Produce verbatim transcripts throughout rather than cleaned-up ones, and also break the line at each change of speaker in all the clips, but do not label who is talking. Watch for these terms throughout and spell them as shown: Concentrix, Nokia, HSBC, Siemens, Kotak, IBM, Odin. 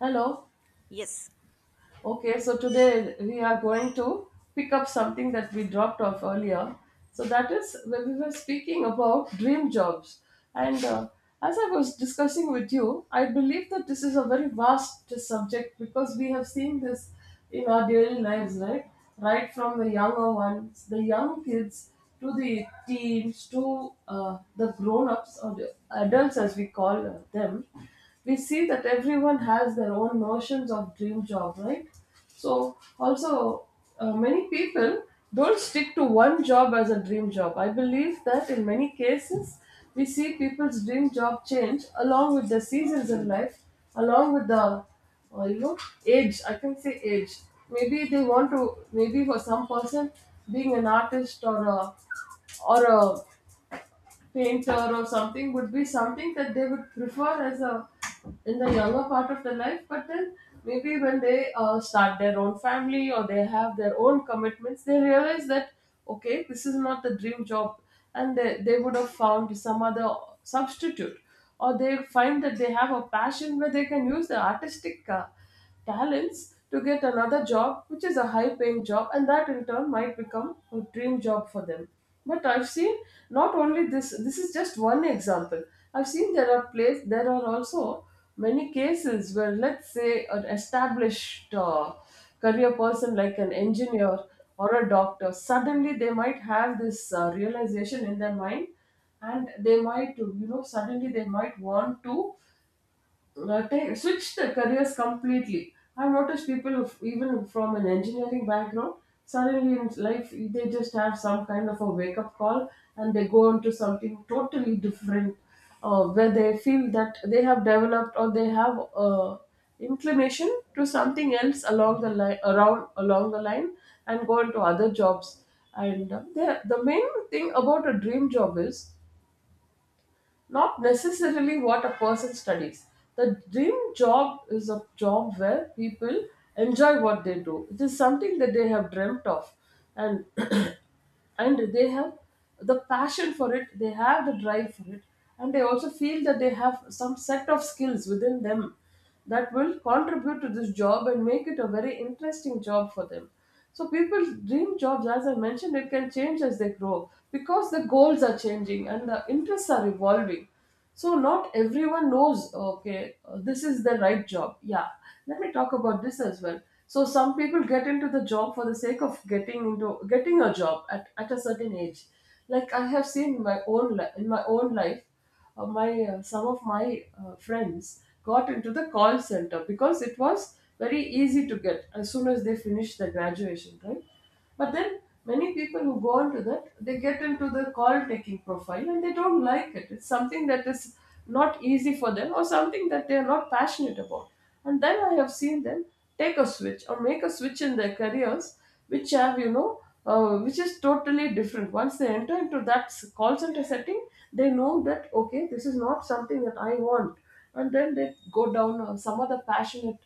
Hello.
Yes.
Okay, so today we are going to pick up something that we dropped off earlier. So that is when we were speaking about dream jobs. And uh, As I was discussing with you, I believe that this is a very vast subject because we have seen this in our daily lives, right? Right from the younger ones, the young kids, to the teens, to uh, the grown ups or the adults as we call them, we see that everyone has their own notions of dream job, right? So also, uh, many people don't stick to one job as a dream job. I believe that in many cases we see people's dream job change along with the seasons in life, along with the uh, you know age. I can say age. Maybe they want to, maybe for some person, being an artist or a or a painter or something would be something that they would prefer as a, in the younger part of their life. But then maybe when they uh, start their own family or they have their own commitments, they realize that okay, this is not the dream job, and they, they would have found some other substitute, or they find that they have a passion where they can use the artistic uh, talents to get another job, which is a high paying job, and that in turn might become a dream job for them. But I've seen, not only this, this is just one example. I've seen there are place, there are also many cases where, let's say, an established uh, career person like an engineer or a doctor, suddenly they might have this uh, realization in their mind, and they might, you know, suddenly they might want to uh, take, switch their careers completely. I've noticed people who, f- even from an engineering background, suddenly in life they just have some kind of a wake up call and they go into something totally different, uh, where they feel that they have developed or they have uh, inclination to something else along the line, around along the line, and go into other jobs. And uh, the the main thing about a dream job is not necessarily what a person studies. The dream job is a job where people enjoy what they do. It is something that they have dreamt of, and and they have the passion for it, they have the drive for it, and they also feel that they have some set of skills within them that will contribute to this job and make it a very interesting job for them. So people's dream jobs, as I mentioned, it can change as they grow because the goals are changing and the interests are evolving. So not everyone knows, okay, uh, this is the right job. Yeah, let me talk about this as well. So some people get into the job for the sake of getting into getting a job at, at a certain age. Like I have seen in my own li- in my own life, uh, my uh, some of my uh, friends got into the call center because it was very easy to get as soon as they finished their graduation, right? But then many people who go into that, they get into the call taking profile and they don't like it. It's something that is not easy for them or something that they are not passionate about. And then I have seen them take a switch or make a switch in their careers, which have, you know, uh, which is totally different. Once they enter into that s- call center setting, they know that, okay, this is not something that I want, and then they go down uh, some other passionate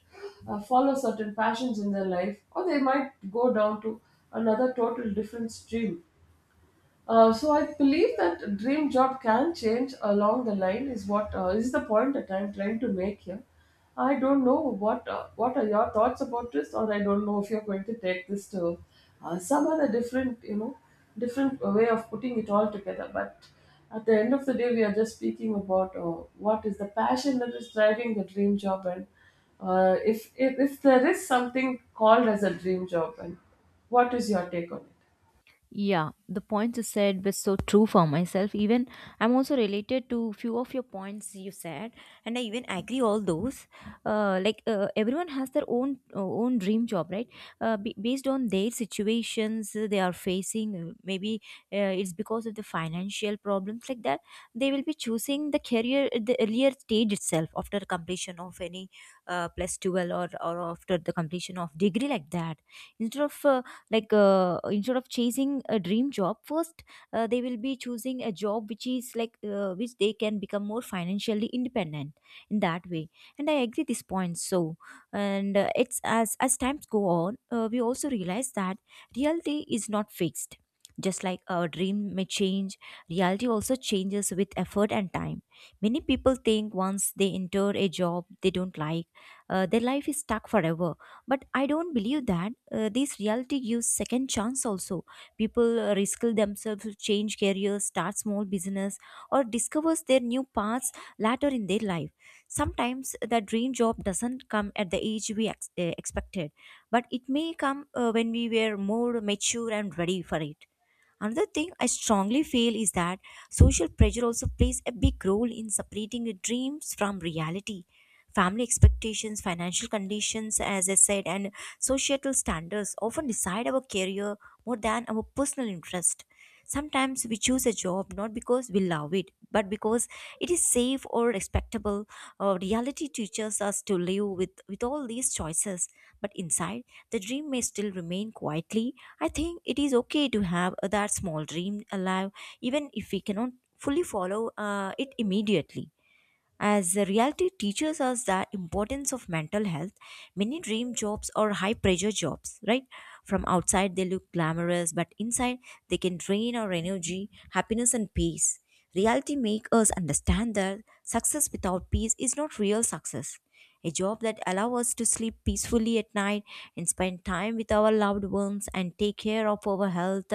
uh, follow certain passions in their life, or they might go down to another total different stream. Uh, so I believe that dream job can change along the line is what, uh, is the point that I'm trying to make here. I don't know what, uh, what are your thoughts about this, or I don't know if you're going to take this to uh, some other different, you know, different way of putting it all together. But at the end of the day, we are just speaking about uh, what is the passion that is driving the dream job, and uh, if, if if there is something called as a dream job, and what is your take on it?
Yeah, the points you said were so true for myself. Even I'm also related to few of your points you said, and I even agree all those. Uh, like uh, everyone has their own uh, own dream job, right? Uh, b- based on their situations uh, they are facing, uh, maybe uh, it's because of the financial problems like that. They will be choosing the career at the earlier stage itself after completion of any uh, plus twelve or or after the completion of degree like that, instead of uh, like uh, instead of chasing a dream job first. Uh, they will be choosing a job which is like uh, which they can become more financially independent in that way, and I agree this point. So, and uh, it's as as times go on, uh, we also realize that reality is not fixed. Just like our dream may change, reality also changes with effort and time. Many people think once they enter a job they don't like, uh, their life is stuck forever, but I don't believe that. Uh, this reality gives second chance also. People uh, risk themselves to change careers, start small business or discovers their new paths later in their life. Sometimes the dream job doesn't come at the age we ex- uh, expected, but it may come uh, when we were more mature and ready for it. Another thing I strongly feel is that social pressure also plays a big role in separating your dreams from reality. Family expectations, financial conditions, as I said, and societal standards often decide our career more than our personal interest. Sometimes we choose a job not because we love it, but because it is safe or respectable. Uh, reality teaches us to live with, with all these choices, but inside, the dream may still remain quietly. I think it is okay to have uh, that small dream alive, even if we cannot fully follow uh, it immediately. As the reality teaches us the importance of mental health, many dream jobs or high pressure jobs, right? From outside they look glamorous, but inside they can drain our energy, happiness and peace. Reality makes us understand that success without peace is not real success. A job that allows us to sleep peacefully at night and spend time with our loved ones and take care of our health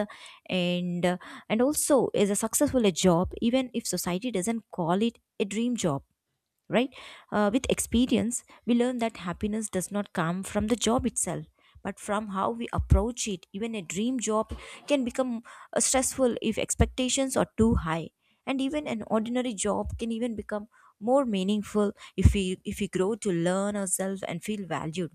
and and also is a successful job, even if society doesn't call it a dream job, right? Uh, with experience, we learn that happiness does not come from the job itself, but from how we approach it. Even a dream job can become uh, stressful if expectations are too high, and even an ordinary job can even become more meaningful if we if we grow to learn ourselves and feel valued.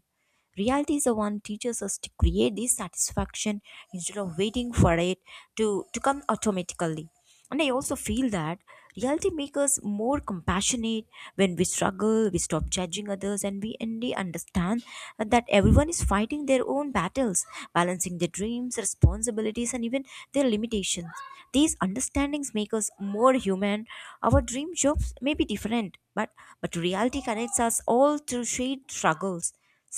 Reality is the one teaches us to create this satisfaction instead of waiting for it to, to come automatically. And I also feel that reality makes us more compassionate. When we struggle, we stop judging others, and we indeed understand that everyone is fighting their own battles, balancing their dreams, responsibilities and even their limitations. These understandings make us more human. Our dream jobs may be different, but but reality connects us all through shared struggles.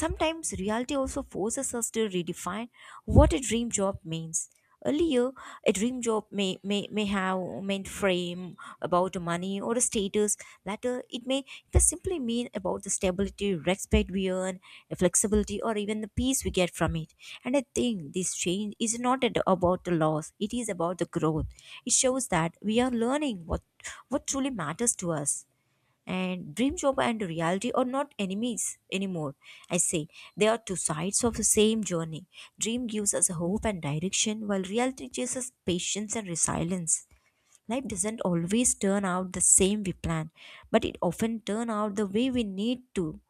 Sometimes reality also forces us to redefine what a dream job means. Earlier, a dream job may, may, may have meant fame about money or a status. Later, it may just simply mean about the stability, respect we earn, the flexibility, or even the peace we get from it. And I think this change is not at- about the loss; it is about the growth. It shows that we are learning what what truly matters to us, and dream job and reality are not enemies anymore, I say. They are two sides of the same journey. Dream gives us hope and direction, while reality chases patience and resilience. Life doesn't always turn out the same we plan, but it often turn out the way we need to.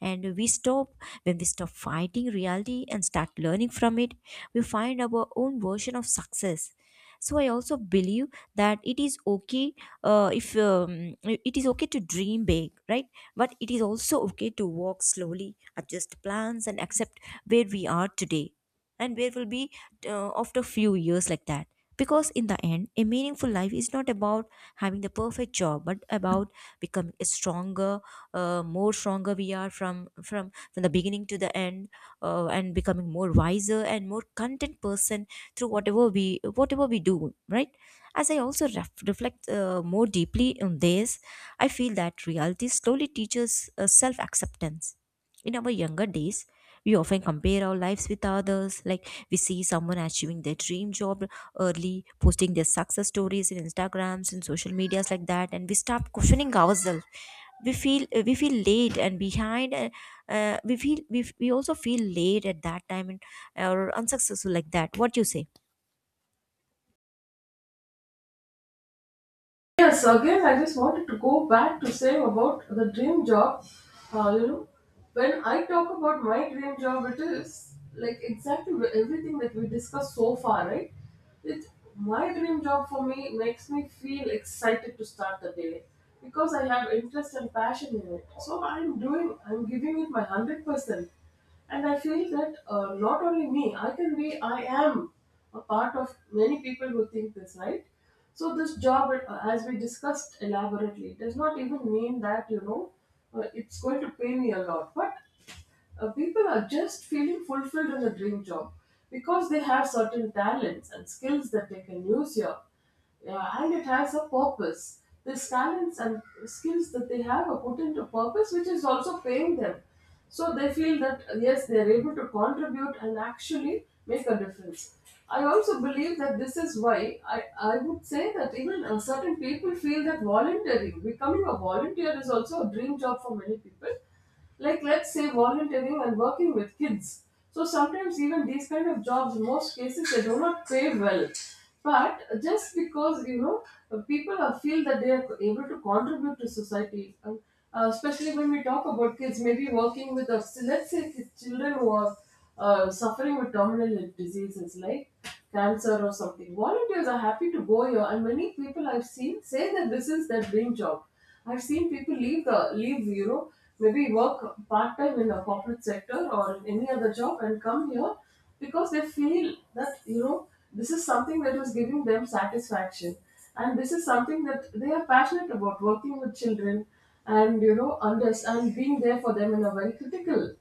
And we stop when we stop fighting reality and start learning from it, we find our own version of success. So I also believe that it is okay uh, if um, it is okay to dream big, right? But it is also okay to walk slowly, adjust plans, and accept where we are today and where we'll be uh, after few years like that, because in the end, a meaningful life is not about having the perfect job, but about becoming a stronger, uh, more stronger we are from from from the beginning to the end, uh, and becoming more wiser and more content person through whatever we whatever we do, right? As I also ref- reflect uh, more deeply on this, I feel that reality slowly teaches uh, self acceptance. In our younger days, we often compare our lives with others. Like we see someone achieving their dream job early, posting their success stories in Instagrams and social medias like that, and we start questioning ourselves. We feel uh, we feel late and behind. Uh, uh, we feel we, f- we also feel late at that time and or unsuccessful like that. What you say?
Yes, again, I just wanted to go back to say about the dream job. Uh, you know, when I talk about my dream job, it is like exactly wh- everything that we discussed so far, right? It, my dream job for me makes me feel excited to start the day because I have interest and passion in it. So I'm doing, I'm giving it my hundred percent, and I feel that, uh, not only me, I can be I am a part of many people who think this, right? So this job, uh, as we discussed elaborately, does not even mean that, you know, uh, it's going to pay me a lot, but uh, people are just feeling fulfilled in the dream job because they have certain talents and skills that they can use here. Yeah, and it has a purpose. These talents and skills that they have are put into purpose, which is also paying them. So they feel that, uh, yes, they are able to contribute and actually make a difference. I also believe that this is why I, I would say that even, uh, certain people feel that volunteering, becoming a volunteer is also a dream job for many people. Like let's say volunteering and working with kids. So sometimes even these kind of jobs, most cases they do not pay well, but just because, you know, people are, feel that they are able to contribute to society, and uh, especially when we talk about kids, maybe working with us, let's say kids, children who are uh, suffering with terminal diseases like cancer or something. Volunteers are happy to go here, and many people I've seen say that this is their dream job. I've seen people leave the leave, you know, maybe work part time in the corporate sector or in any other job and come here because they feel that, you know, this is something that was giving them satisfaction, and this is something that they are passionate about, working with children, and you know, under and being there for them in a very critical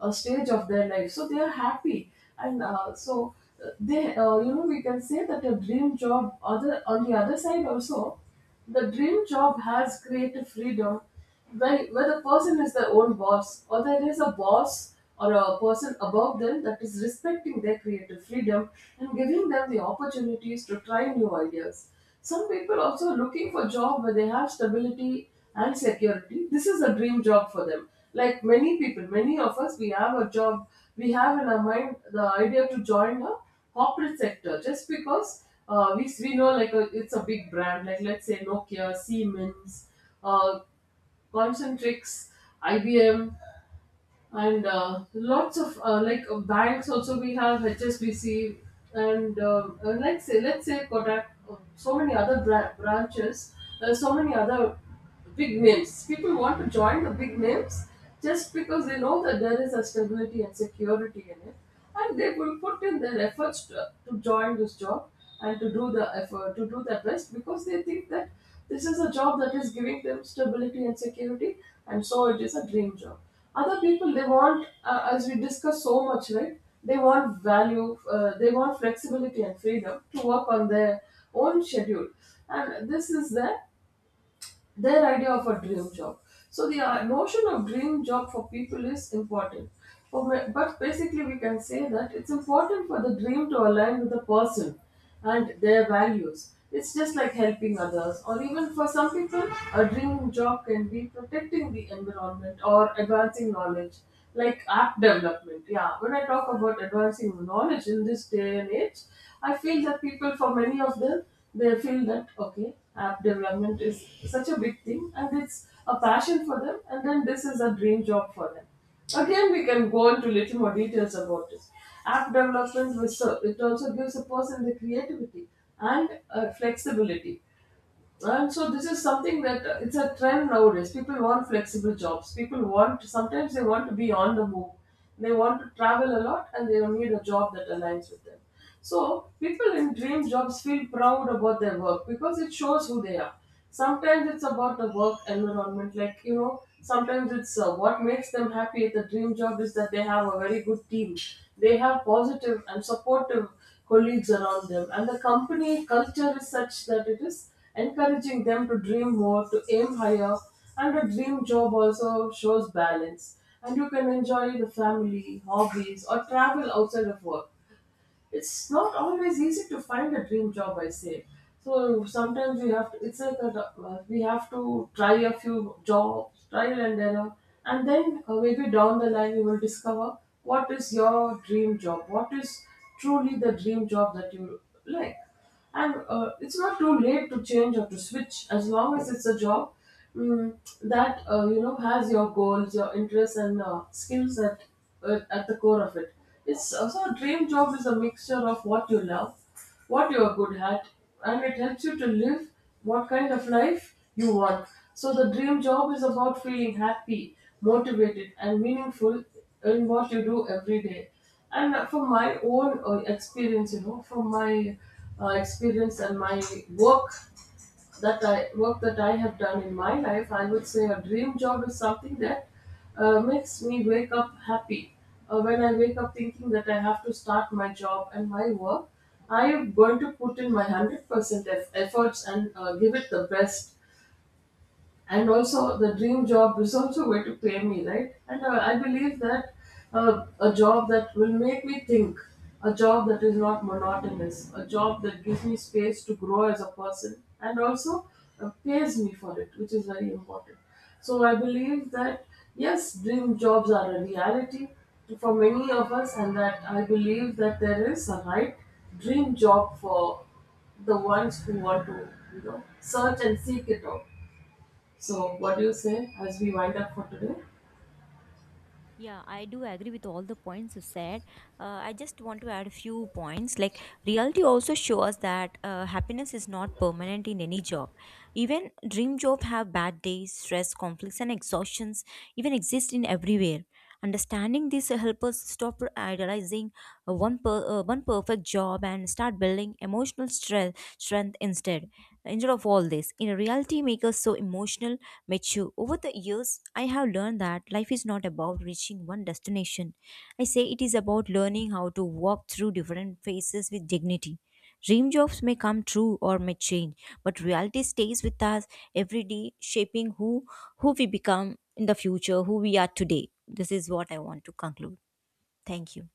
uh, stage of their life, so they are happy. And uh, so uh, they uh, You know, we can say that a dream job, other, on the other side also, the dream job has creative freedom where, where the person is their own boss, or there is a boss or a person above them that is respecting their creative freedom and giving them the opportunities to try new ideas. Some people also are looking for job where they have stability and security. This is a dream job for them. Like many people, many of us, we have a job, we have in our mind the idea to join a corporate sector just because, uh, we, we know like a, it's a big brand, like let's say Nokia, Siemens, uh, Concentrix, I B M, and uh, lots of, uh, like uh, banks also, we have H S B C, and uh, uh, let's say let's say Kotak, uh, so many other bra- branches, uh, so many other big names. People want to join the big names just because they know that there is a stability and security in it, and they will put in their efforts to, to join this job and to do the effort to do their best because they think that this is a job that is giving them stability and security, and so it is a dream job. Other people, they want, uh, as we discuss so much, right, they want value, uh, they want flexibility and freedom to work on their own schedule, and this is there, their idea of a dream job. So the, uh, notion of dream job for people is important. For ma- But basically, we can say that it's important for the dream to align with the person and their values. It's just like helping others, or even for some people, a dream job can be protecting the environment or advancing knowledge, like app development. Yeah, when I talk about advancing knowledge in this day and age, I feel that people, for many of them, they feel that okay, app development is such a big thing and it's a passion for them, and then this is a dream job for them. Again, we can go into little more details about this. App development was, so it also gives a person the creativity and uh, flexibility. And so this is something that, uh, it's a trend nowadays. People want flexible jobs. People want, sometimes they want to be on the move. They want to travel a lot and they need a job that aligns with them. So people in dream jobs feel proud about their work because it shows who they are. Sometimes it's about the work environment, like, you know. Sometimes it's, uh, what makes them happy at the dream job is that they have a very good team. They have positive and supportive colleagues around them. And the company culture is such that it is encouraging them to dream more, to aim higher, and a dream job also shows balance. And you can enjoy the family, hobbies, or travel outside of work. It's not always easy to find a dream job, I say. So sometimes we have to, it's like a, uh, we have to try a few jobs, trial and error, and then, uh, maybe down the line you will discover what is your dream job, what is truly the dream job that you like. And uh, it's not too late to change or to switch as long as it's a job, mm, that, uh, you know, has your goals, your interests, and uh, skills at, uh, at the core of it. It's also, a dream job is a mixture of what you love, what you are good at, and it helps you to live what kind of life you want. So the dream job is about feeling happy, motivated, and meaningful in what you do every day. And uh, From my own uh, experience, you know, from my uh, experience and my work that I work that I have done in my life, I would say a dream job is something that uh, makes me wake up happy. Uh, when I wake up thinking that I have to start my job and my work, I am going to put in my hundred percent eff- efforts and uh, give it the best. And also the dream job is also going to pay me, right? and uh, I believe that, uh, a job that will make me think, a job that is not monotonous, a job that gives me space to grow as a person, and also uh, pays me for it, which is very important. So I believe that yes, dream jobs are a reality for many of us, and that I believe that there is a right dream job for the ones who want to, you know, search and seek it out. So, what do you say as we wind up for today?
Yeah, I do agree with all the points you said. Uh, I just want to add a few points. Like, reality also shows that uh, happiness is not permanent in any job. Even dream job have bad days, stress, conflicts, and exhaustions even exist in everywhere. Understanding this helps us stop idealizing uh, one per, uh, one perfect job and start building emotional strength, strength instead. Instead of all this, in reality, make us so emotional, mature. Over the years, I have learned that life is not about reaching one destination. I say it is about learning how to walk through different phases with dignity. Dream jobs may come true or may change, but reality stays with us every day, shaping who who we become in the future, who we are today. This is what I want to conclude. Thank you.